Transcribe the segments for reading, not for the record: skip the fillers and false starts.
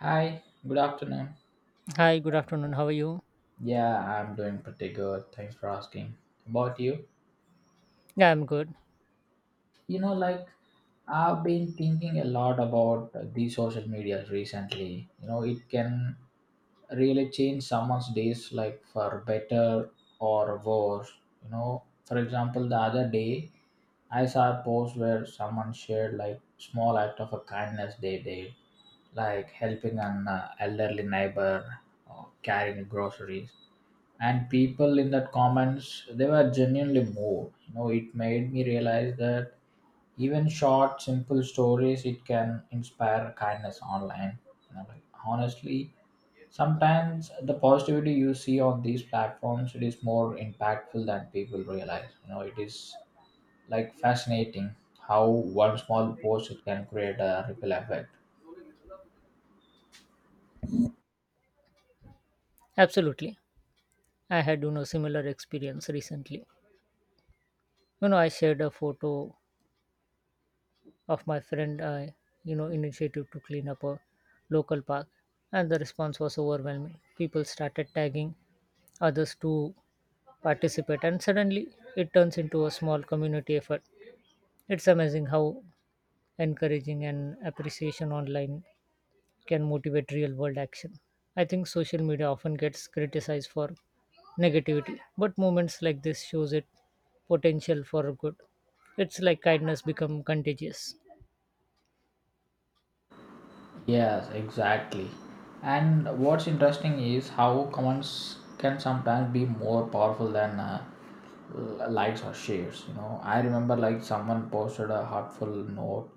Hi, good afternoon. Hi, good afternoon. How are you? Yeah, I'm doing pretty good. Thanks for asking. About you? Yeah, I'm good. You know, like I've been thinking a lot about these social media recently. You know, it can really change someone's days, like for better or worse. You know, for example, the other day I saw a post where someone shared like small act of a kindness they did, like helping an elderly neighbor or carrying groceries. And people in that comments, they were genuinely moved. It made me realize that even short simple stories it can inspire kindness online. Like honestly, sometimes the positivity you see on these platforms, it is more impactful than people realize. It is like fascinating how one small post it can create a ripple effect. Absolutely. I had, similar experience recently. I shared a photo of my friend, initiative to clean up a local park, and the response was overwhelming. People started tagging others to participate, and suddenly it turns into a small community effort. It's amazing how encouraging and appreciation online can motivate real world action. I think social media often gets criticized for negativity, but moments like this shows it potential for good. It's like kindness become contagious. Yes, exactly. And what's interesting is how comments can sometimes be more powerful than likes or shares. You know, I remember like someone posted a heartful note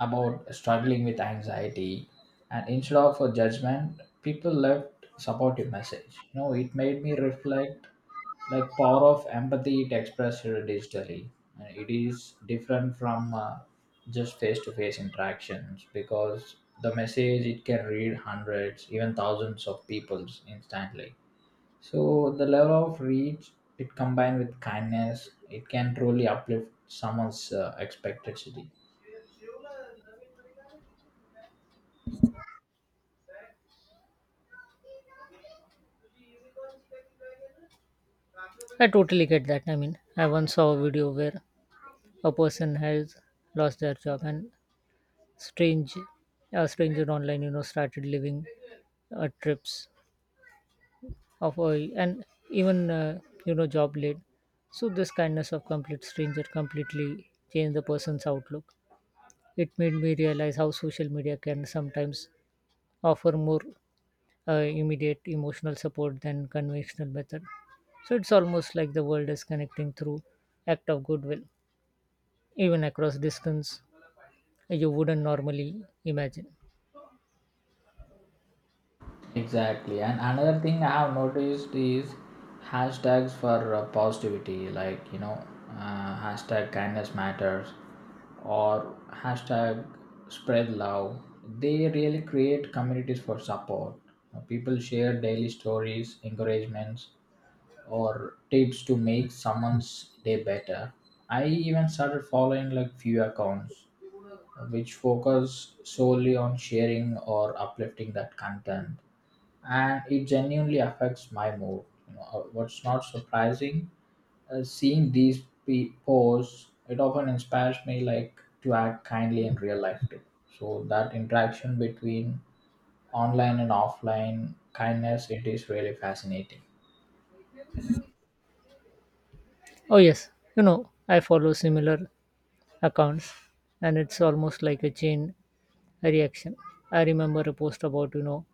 about struggling with anxiety, and instead of a judgment, people left supportive message. It made me reflect like power of empathy it expressed here digitally, and it is different from just face-to-face interactions because the message it can read hundreds even thousands of peoples instantly, so the level of reach it combined with kindness it can truly uplift someone's expected city. I totally get that. I mean, I once saw a video where a person has lost their job and strange a stranger online, started living trips of a, and even job lead. So this kindness of complete stranger completely changed the person's outlook. It made me realize how social media can sometimes offer more immediate emotional support than conventional method. So it's almost like the world is connecting through act of goodwill, even across distance you wouldn't normally imagine. Exactly. And another thing I have noticed is hashtags for positivity, like, you know, hashtag kindness matters or hashtag spread love. They really create communities for support. You know, people share daily stories, encouragements, or tips to make someone's day better. I even started following like few accounts which focus solely on sharing or uplifting that content, and it genuinely affects my mood. You know, what's not surprising, seeing these posts, it often inspires me like to act kindly in real life too. So that interaction between online and offline kindness, it is really fascinating. Oh yes, I follow similar accounts, and it's almost like a chain reaction. I remember a post about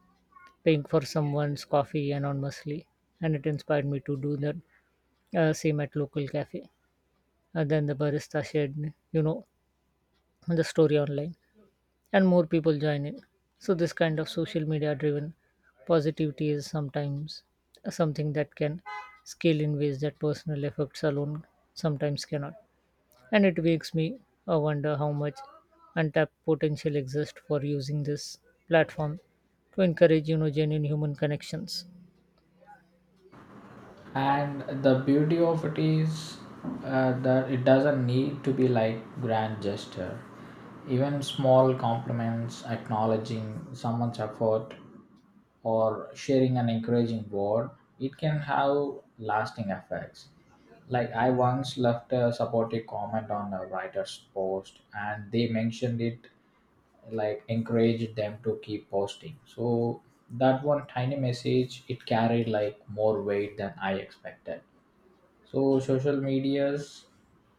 paying for someone's coffee anonymously, and it inspired me to do that same at local cafe. And then the barista shared you know the story online, and more people join in. So this kind of social media driven positivity is sometimes something that can scale in ways that personal efforts alone sometimes cannot, and it makes me wonder how much untapped potential exists for using this platform to encourage genuine human connections. And the beauty of it is that it doesn't need to be like grand gesture. Even small compliments acknowledging someone's effort or sharing an encouraging word, it can have lasting effects. Like I once left a supportive comment on a writer's post, and they mentioned it like encouraged them to keep posting. So that one tiny message it carried like more weight than I expected. So social medias,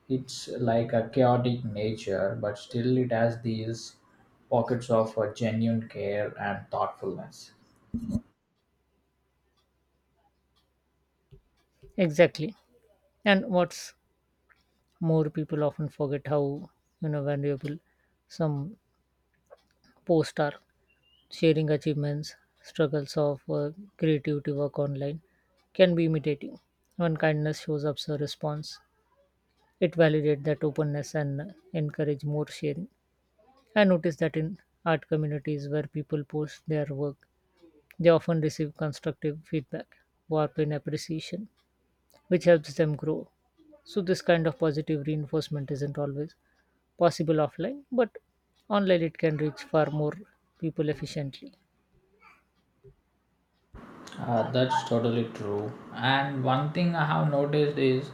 it's like a chaotic nature, but still it has these pockets of genuine care and thoughtfulness. Exactly. And what's more, people often forget how valuable some posts are, sharing achievements, struggles of creativity work online can be imitating. When kindness shows up as a response, it validates that openness and encourage more sharing. I noticed that in art communities where people post their work, they often receive constructive feedback, warmth, and appreciation, which helps them grow. So this kind of positive reinforcement isn't always possible offline, but online it can reach far more people efficiently. That's totally true. And one thing I have noticed is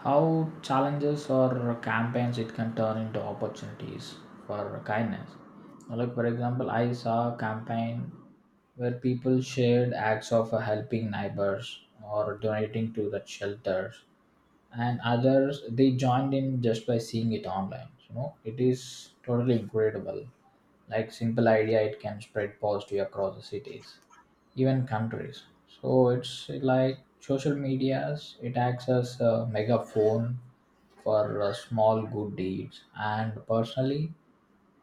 how challenges or campaigns it can turn into opportunities for kindness. Like for example, I saw a campaign where people shared acts of helping neighbors or donating to the shelters, and others they joined in just by seeing it online. It is totally incredible. Like simple idea, it can spread positive across the cities, even countries. So it's like social medias, it acts as a megaphone for small good deeds. And personally,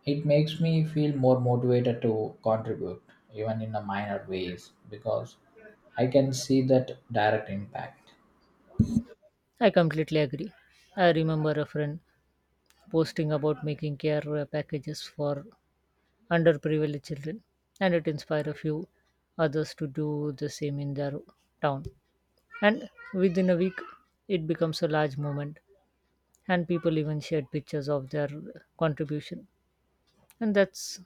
it makes me feel more motivated to contribute even in the minor ways because I can see that direct impact. I completely agree. I remember a friend posting about making care packages for underprivileged children, and it inspired a few others to do the same in their town. And within a week, it becomes a large movement, and people even shared pictures of their contribution. And that's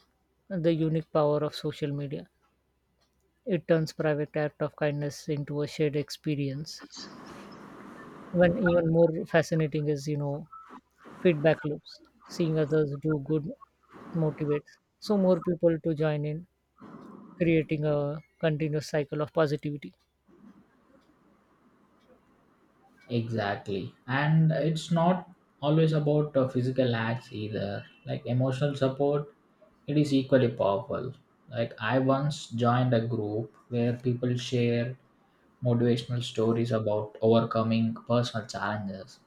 the unique power of social media. It turns private act of kindness into a shared experience. When even more fascinating is, feedback loops. Seeing others do good motivates so more people to join in, creating a continuous cycle of positivity. Exactly. And it's not always about physical acts either. Like emotional support, it is equally powerful. Like I once joined a group where people shared motivational stories about overcoming personal challenges.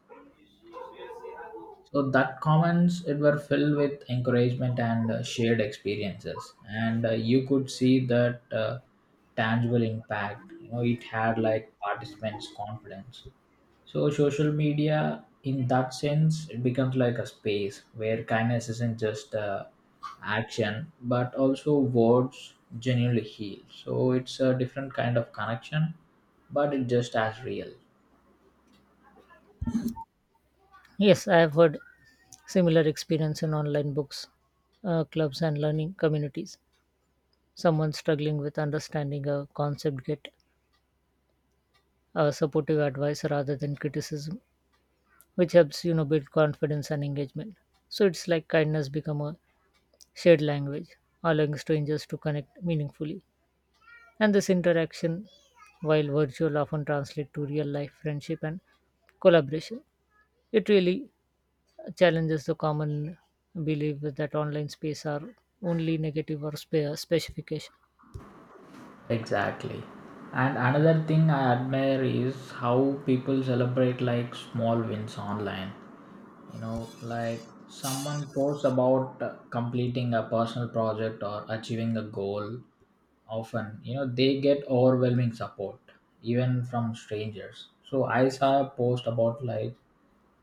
So that comments it were filled with encouragement and shared experiences, and you could see that tangible impact. You know, it had like participants' confidence. So social media, in that sense, it becomes like a space where kindness isn't just action, but also words genuinely heal. So it's a different kind of connection, but it just as real. Yes, I have heard similar experience in online books, clubs, and learning communities. Someone struggling with understanding a concept get supportive advice rather than criticism, which helps build confidence and engagement. So it's like kindness become a shared language, allowing strangers to connect meaningfully. And this interaction, while virtual, often translates to real life friendship and collaboration. It really challenges the common belief that online space are only negative or specification. Exactly. And another thing I admire is how people celebrate like small wins online. You know, like someone posts about completing a personal project or achieving a goal often, you know, they get overwhelming support even from strangers. So I saw a post about like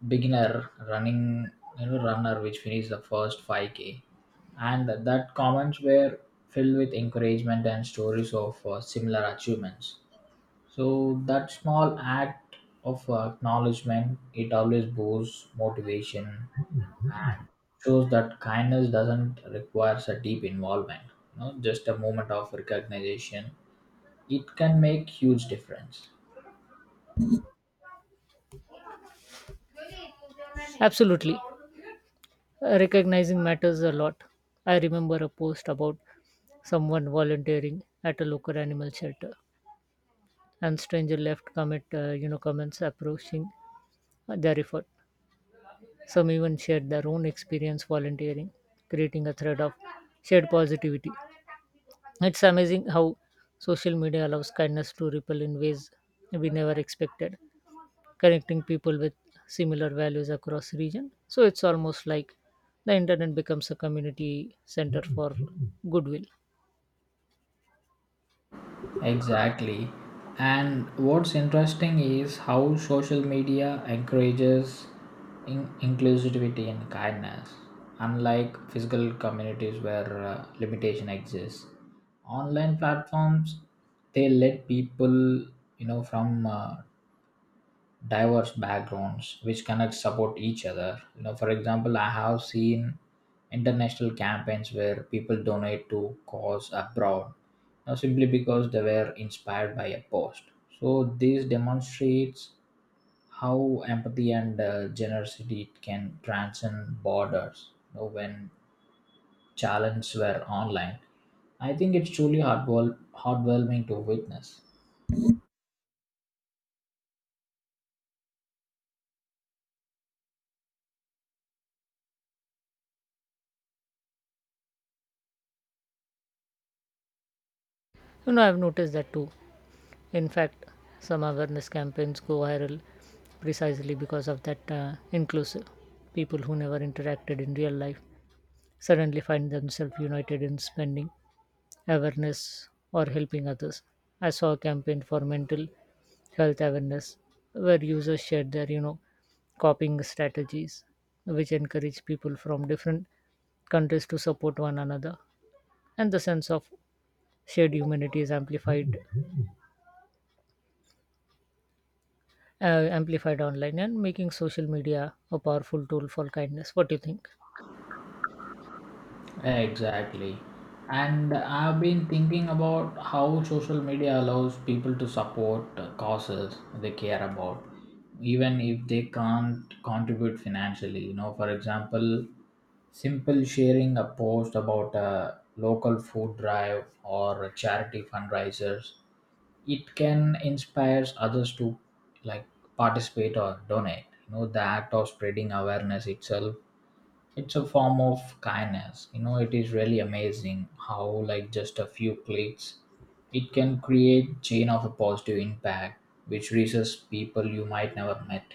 beginner running, runner which finished the first 5K. And that comments were filled with encouragement and stories of similar achievements. So that small act of acknowledgement, it always boosts motivation and shows that kindness doesn't requires a deep involvement. You know, just a moment of recognition, it can make huge difference. Absolutely. Recognizing matters a lot. I remember a post about someone volunteering at a local animal shelter, and stranger left comments approaching their effort. Some even shared their own experience volunteering, creating a thread of shared positivity. It's amazing how social media allows kindness to ripple in ways we never expected, connecting people with similar values across region. So it's almost like the internet becomes a community center for goodwill. Exactly. And what's interesting is how social media encourages inclusivity and kindness. Unlike physical communities where limitation exists, online platforms, they let people, you know, from diverse backgrounds which connect support each other. You know, for example, I have seen international campaigns where people donate to cause abroad, you know, simply because they were inspired by a post. So this demonstrates how empathy and generosity can transcend borders. You know, when challenges were online, I think it's truly heartwarming to witness. I've noticed that too. In fact, some awareness campaigns go viral precisely because of that inclusive. People who never interacted in real life suddenly find themselves united in spending awareness or helping others. I saw a campaign for mental health awareness where users shared their, coping strategies, which encourage people from different countries to support one another. And the sense of shared humanity is uh, amplified online, and making social media a powerful tool for kindness. What do you think? Exactly. And I've been thinking about how social media allows people to support causes they care about, even if they can't contribute financially. You know, for example, simple sharing a post about a local food drive or a charity fundraisers, it can inspire others to like participate or donate. You know, the act of spreading awareness itself, it's a form of kindness. You know, it is really amazing how like just a few clicks it can create chain of a positive impact which reaches people you might never met.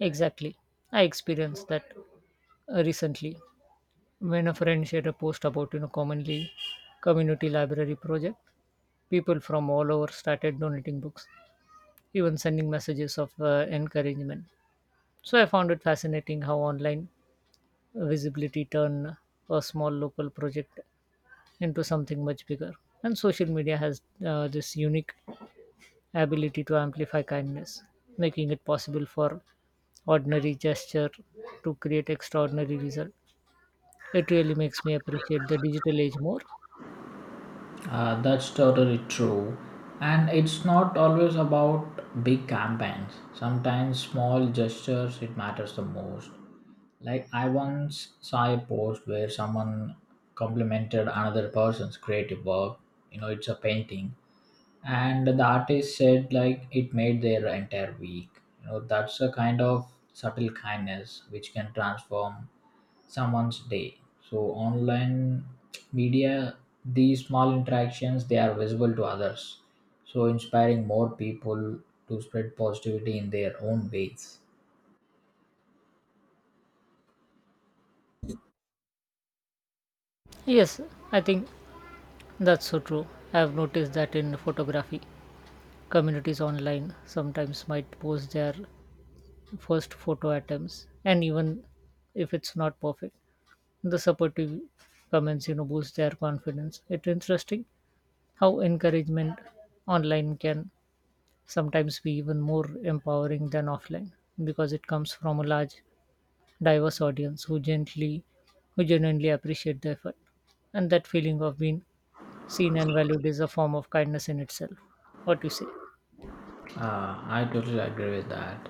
Exactly, I experienced that recently when a friend shared a post about you know commonly community library project. People from all over started donating books, even sending messages of encouragement. So I found it fascinating how online visibility turned a small local project into something much bigger. And social media has this unique ability to amplify kindness, making it possible for ordinary gesture to create extraordinary result. It really makes me appreciate the digital age more. That's totally true. And it's not always about big campaigns. Sometimes small gestures it matters the most. Like I once saw a post where someone complimented another person's creative work. You know, it's a painting and the artist said like it made their entire week. That's a kind of subtle kindness which can transform someone's day. So online media, these small interactions, they are visible to others, so inspiring more people to spread positivity in their own ways. Yes, I think that's so true. I've noticed that in photography, communities online sometimes might post their first photo attempts, and even if it's not perfect, the supportive comments boost their confidence. It's interesting how encouragement online can sometimes be even more empowering than offline because it comes from a large, diverse audience who genuinely appreciate the effort, and that feeling of being seen and valued is a form of kindness in itself. What you say? I totally agree with that.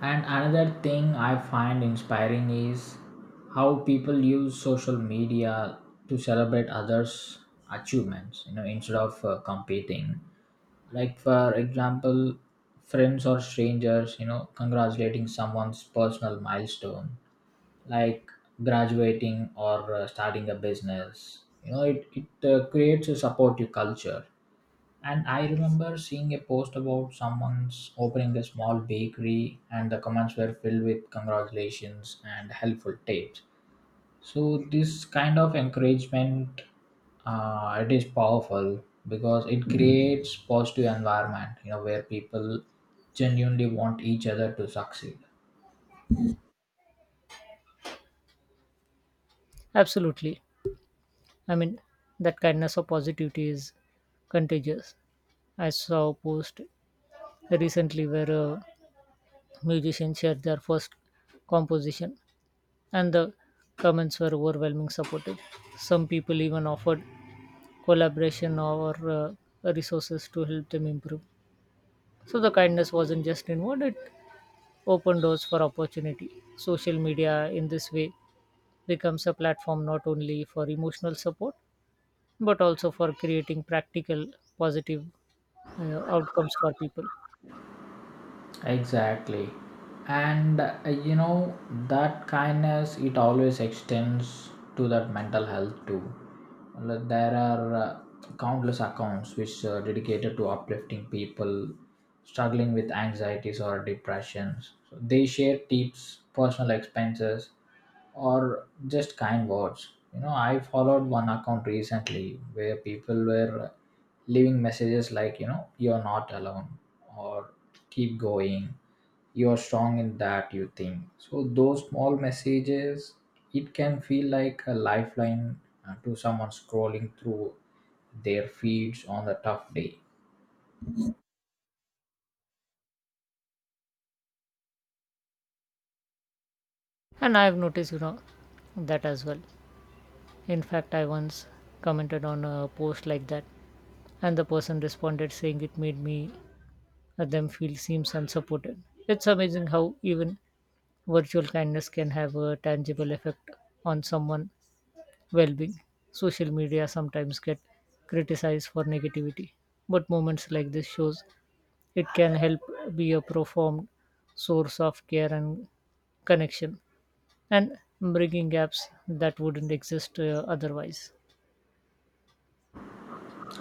And another thing I find inspiring is how people use social media to celebrate others' achievements, you know, instead of competing. Like, for example, friends or strangers, you know, congratulating someone's personal milestone, like graduating or starting a business. You know, it creates a supportive culture. And I remember seeing a post about someone's opening a small bakery, and the comments were filled with congratulations and helpful tips. So this kind of encouragement, it is powerful because it creates positive environment, you know, where people genuinely want each other to succeed. Absolutely. I mean, that kindness or positivity is contagious. I saw a post recently where a musician shared their first composition, and the comments were overwhelming supportive. Some people even offered collaboration or resources to help them improve. So the kindness wasn't just inward, it opened doors for opportunity. Social media, in this way, becomes a platform not only for emotional support but also for creating practical positive outcomes for people. Exactly. And you know, that kindness, it always extends to that mental health too. Well, there are countless accounts which are dedicated to uplifting people struggling with anxieties or depressions. So they share tips, personal expenses, or just kind words. You know, I followed one account recently where people were leaving messages like, you know, you're not alone or keep going, you're strong in that you think. So those small messages it can feel like a lifeline to someone scrolling through their feeds on a tough day. And I have noticed that as well. In fact, I once commented on a post like that, and the person responded saying it made me them feel seems unsupported. It's amazing how even virtual kindness can have a tangible effect on someone well-being. Social media sometimes get criticized for negativity, but moments like this shows it can help be a profound source of care and connection, and bridging gaps that wouldn't exist otherwise.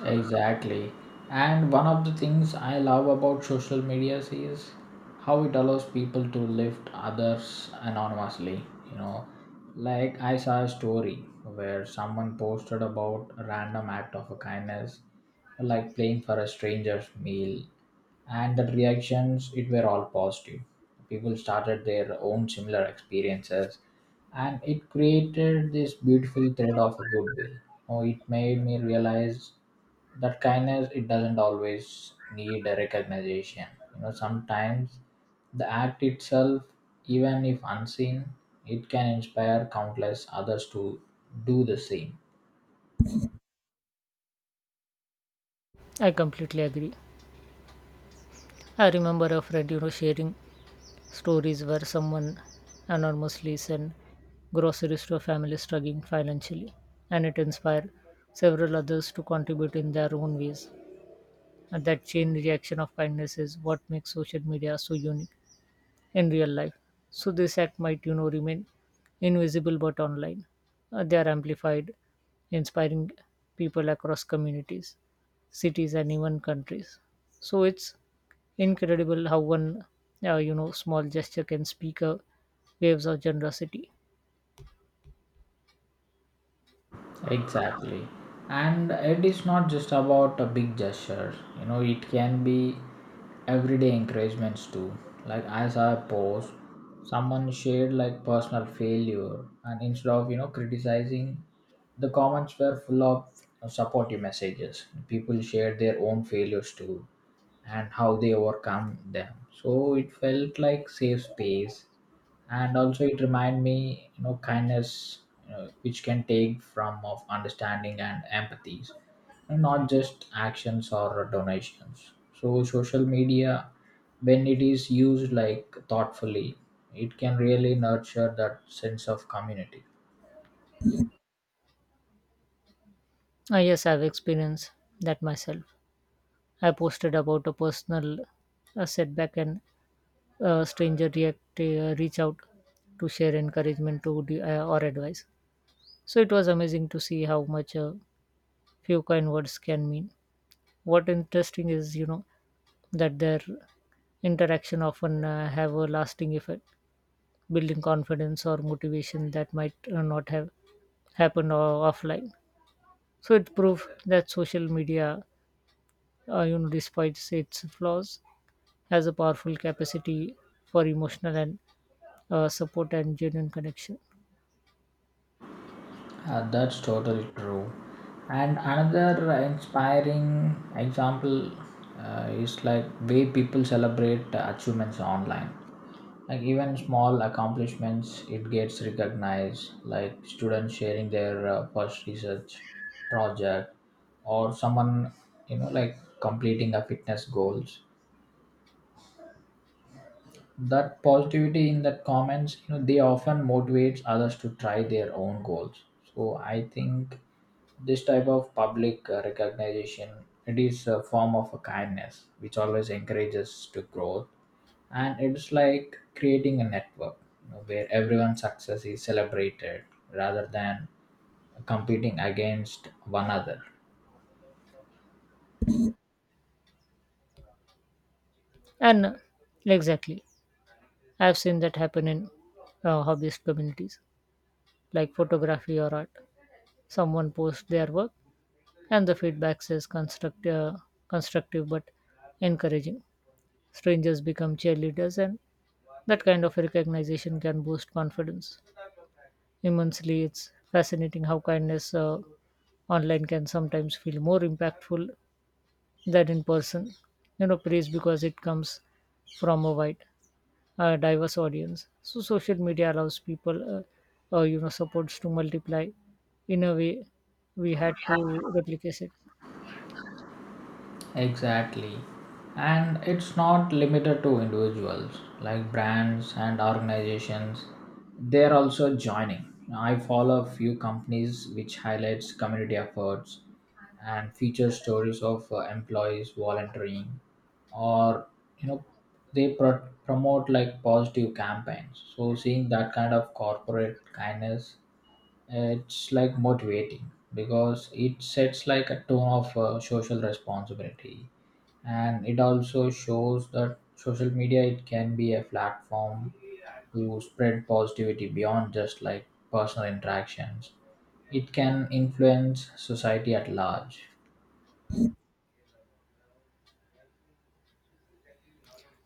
Exactly. And one of the things I love about social media is how it allows people to lift others anonymously. You know, like I saw a story where someone posted about a random act of a kindness, like playing for a stranger's meal, and the reactions it were all positive. People started their own similar experiences and it created this beautiful thread of a goodwill. Oh, it made me realize that kindness it doesn't always need a recognition. You know, sometimes the act itself, even if unseen, it can inspire countless others to do the same. I completely agree. I remember a friend, sharing stories where someone anonymously sent groceries to a family struggling financially, and it inspired several others to contribute in their own ways. And that chain reaction of kindness is what makes social media so unique in real life. So this act might, remain invisible but online. They are amplified, inspiring people across communities, cities, and even countries. So it's incredible how one, small gesture can speak a waves of generosity. Exactly. And it is not just about a big gesture, you know, it can be everyday encouragements too. Like as I saw a post, someone shared like personal failure, and instead of criticizing, the comments were full of supportive messages. People shared their own failures too and how they overcome them. So it felt like safe space, and also it remind me kindness, you know, which can take from of understanding and empathies, and not just actions or donations. So social media, when it is used like thoughtfully, it can really nurture that sense of community. Ah, yes, I've experienced that myself. I posted about a personal setback, and a stranger reach out to share encouragement to or advice. So it was amazing to see how much a few kind words can mean. What interesting is, that their interaction often have a lasting effect, building confidence or motivation that might not have happened offline. So it proved that social media, despite its flaws, has a powerful capacity for emotional and support and genuine connection. That's totally true. And another inspiring example is like way people celebrate achievements online. Like even small accomplishments, it gets recognized. Like students sharing their first research project, or someone, you know, like completing a fitness goals. That positivity in that comments, you know, they often motivates others to try their own goals. So I think this type of public recognition, it is a form of a kindness which always encourages to growth. And it's like creating a network, you know, where everyone's success is celebrated rather than competing against one another. And exactly, I've seen that happen in hobbyist communities like photography or art. Someone posts their work, and the feedback says constructive but encouraging. Strangers become cheerleaders, and that kind of recognition can boost confidence immensely. It's fascinating how kindness online can sometimes feel more impactful than in person praise because it comes from a wide diverse audience. So social media allows people supports to multiply in a way we had to replicate it. Exactly. And it's not limited to individuals, like brands and organizations. They're also joining. I follow a few companies which highlights community efforts and feature stories of employees volunteering, or you know they promote like positive campaigns. So seeing that kind of corporate kindness, it's like motivating because it sets like a tone of social responsibility. And it also shows that social media, it can be a platform to spread positivity beyond just like personal interactions. It can influence society at large.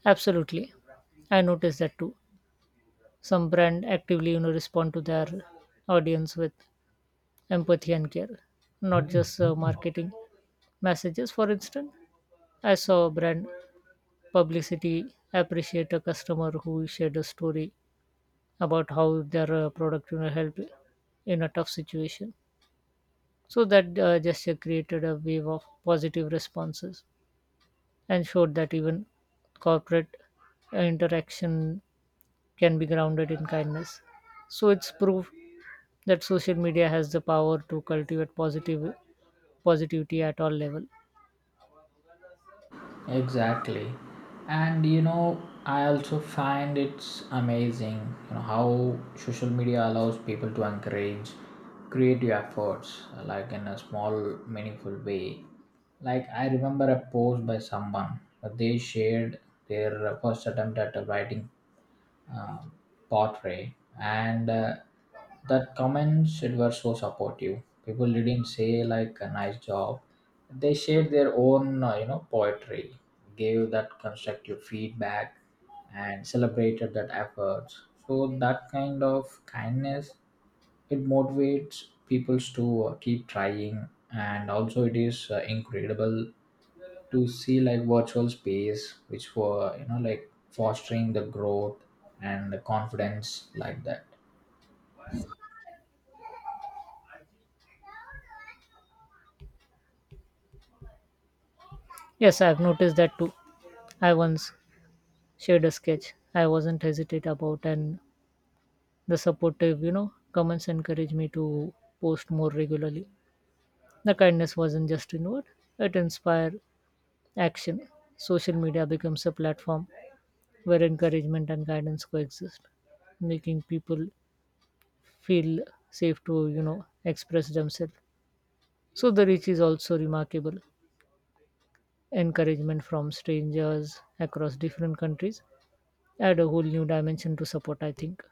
Absolutely. I noticed that too. Some brand actively respond to their audience with empathy and care, not just marketing messages. For instance, I saw a brand publicity appreciate a customer who shared a story about how their product helped in a tough situation. So that gesture created a wave of positive responses and showed that even corporate interaction can be grounded in kindness. So it's proof that social media has the power to cultivate positive positivity at all level. Exactly. And you know, I also find it's amazing, you know, how social media allows people to encourage creative efforts like in a small meaningful way. Like I remember a post by someone, they shared their first attempt at a writing um, portray, and that comments it were so supportive. People didn't say like a nice job, they shared their own you know poetry, gave that constructive feedback and celebrated that efforts. So that kind of kindness, it motivates people to keep trying. And also, it is incredible to see like virtual space which were you know like fostering the growth and the confidence like that. Yes, I've noticed that too. I once shared a sketch I wasn't hesitant about, and the supportive, comments encouraged me to post more regularly. The kindness wasn't just inward; it inspired action. Social media becomes a platform where encouragement and guidance coexist, making people feel safe to express themselves. So the reach is also remarkable. Encouragement from strangers across different countries add a whole new dimension to support, I think.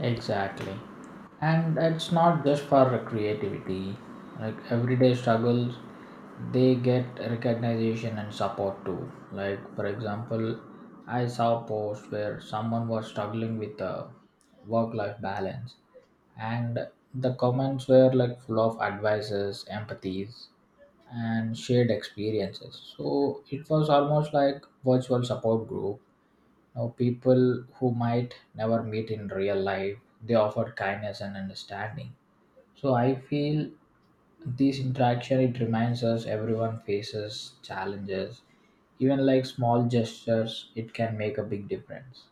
Exactly. And it's not just for creativity. Like everyday struggles, they get recognition and support too. Like for example, I saw a post where someone was struggling with a work-life balance, and the comments were like full of advices, empathies, and shared experiences. So it was almost like virtual support group now, people who might never meet in real life, they offer kindness and understanding. So I feel this interaction it reminds us everyone faces challenges. Even like small gestures, it can make a big difference.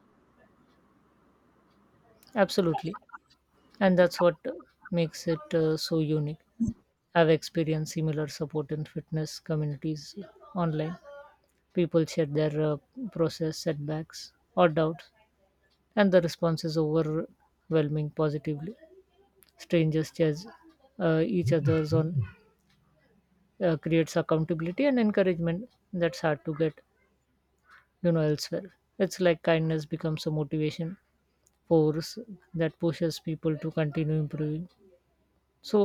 Absolutely. And that's what makes it so unique. I've experienced similar support in fitness communities online. People share their process setbacks or doubts, and the response is overwhelming positively. Strangers judge each other's on creates accountability and encouragement that's hard to get elsewhere. It's like kindness becomes a motivation force that pushes people to continue improving so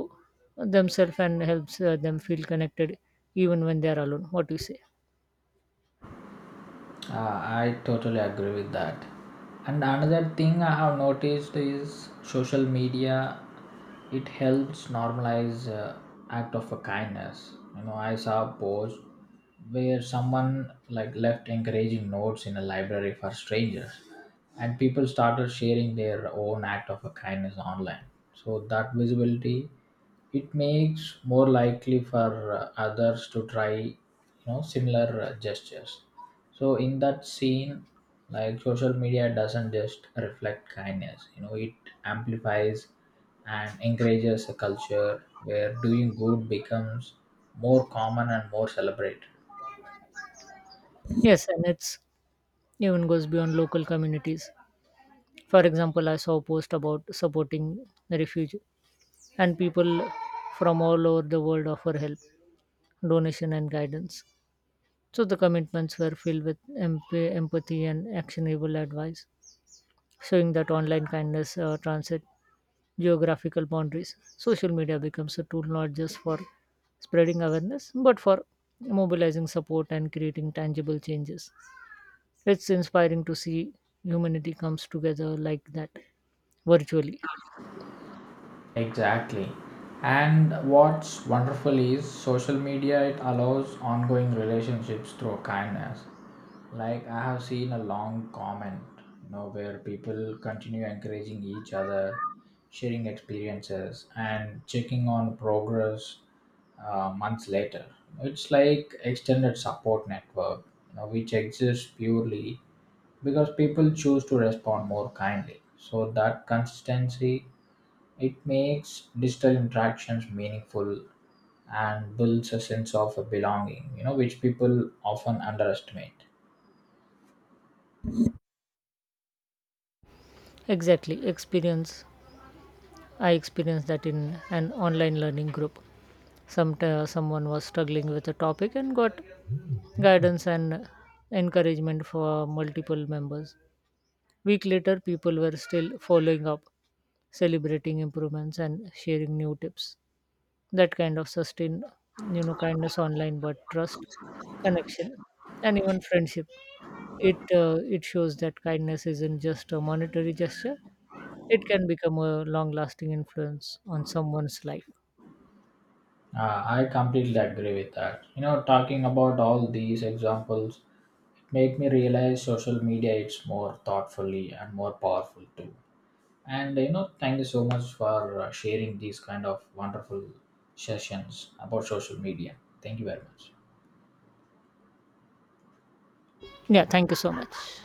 themselves and helps them feel connected even when they are alone. What do you say? I totally agree with that. And another thing I have noticed is social media. It helps normalize act of a kindness. You know, I saw a post where someone like left encouraging notes in a library for strangers, and people started sharing their own act of a kindness online. So that visibility, it makes more likely for others to try, you know, similar gestures. So in that scene, like social media doesn't just reflect kindness, it amplifies and encourages a culture where doing good becomes more common and more celebrated. Yes, and it's even goes beyond local communities. For example, I saw a post about supporting the refuge, and people from all over the world offer help, donation, and guidance. So the commitments were filled with empathy and actionable advice, showing that online kindness transcends geographical boundaries. Social media becomes a tool not just for spreading awareness, but for mobilizing support and creating tangible changes. It's inspiring to see humanity comes together like that virtually. Exactly. And what's wonderful is social media it allows ongoing relationships through kindness. Like I have seen a long comment, you know, where people continue encouraging each other, sharing experiences and checking on progress months later. It's like extended support network, you know, which exists purely because people choose to respond more kindly. So that consistency it makes digital interactions meaningful and builds a sense of belonging, you know, which people often underestimate. Exactly, experience I experienced that in an online learning group. Some someone was struggling with a topic and got guidance and encouragement for multiple members. Week later, people were still following up, celebrating improvements and sharing new tips. That kind of sustained, kindness online, but trust, connection, and even friendship. It shows that kindness isn't just a monetary gesture; it can become a long lasting influence on someone's life. I completely agree with that. You know, talking about all these examples make me realize social media is more thoughtfully and more powerful too. And you know, thank you so much for sharing these kind of wonderful sessions about social media. Thank you very much. Yeah, thank you so much.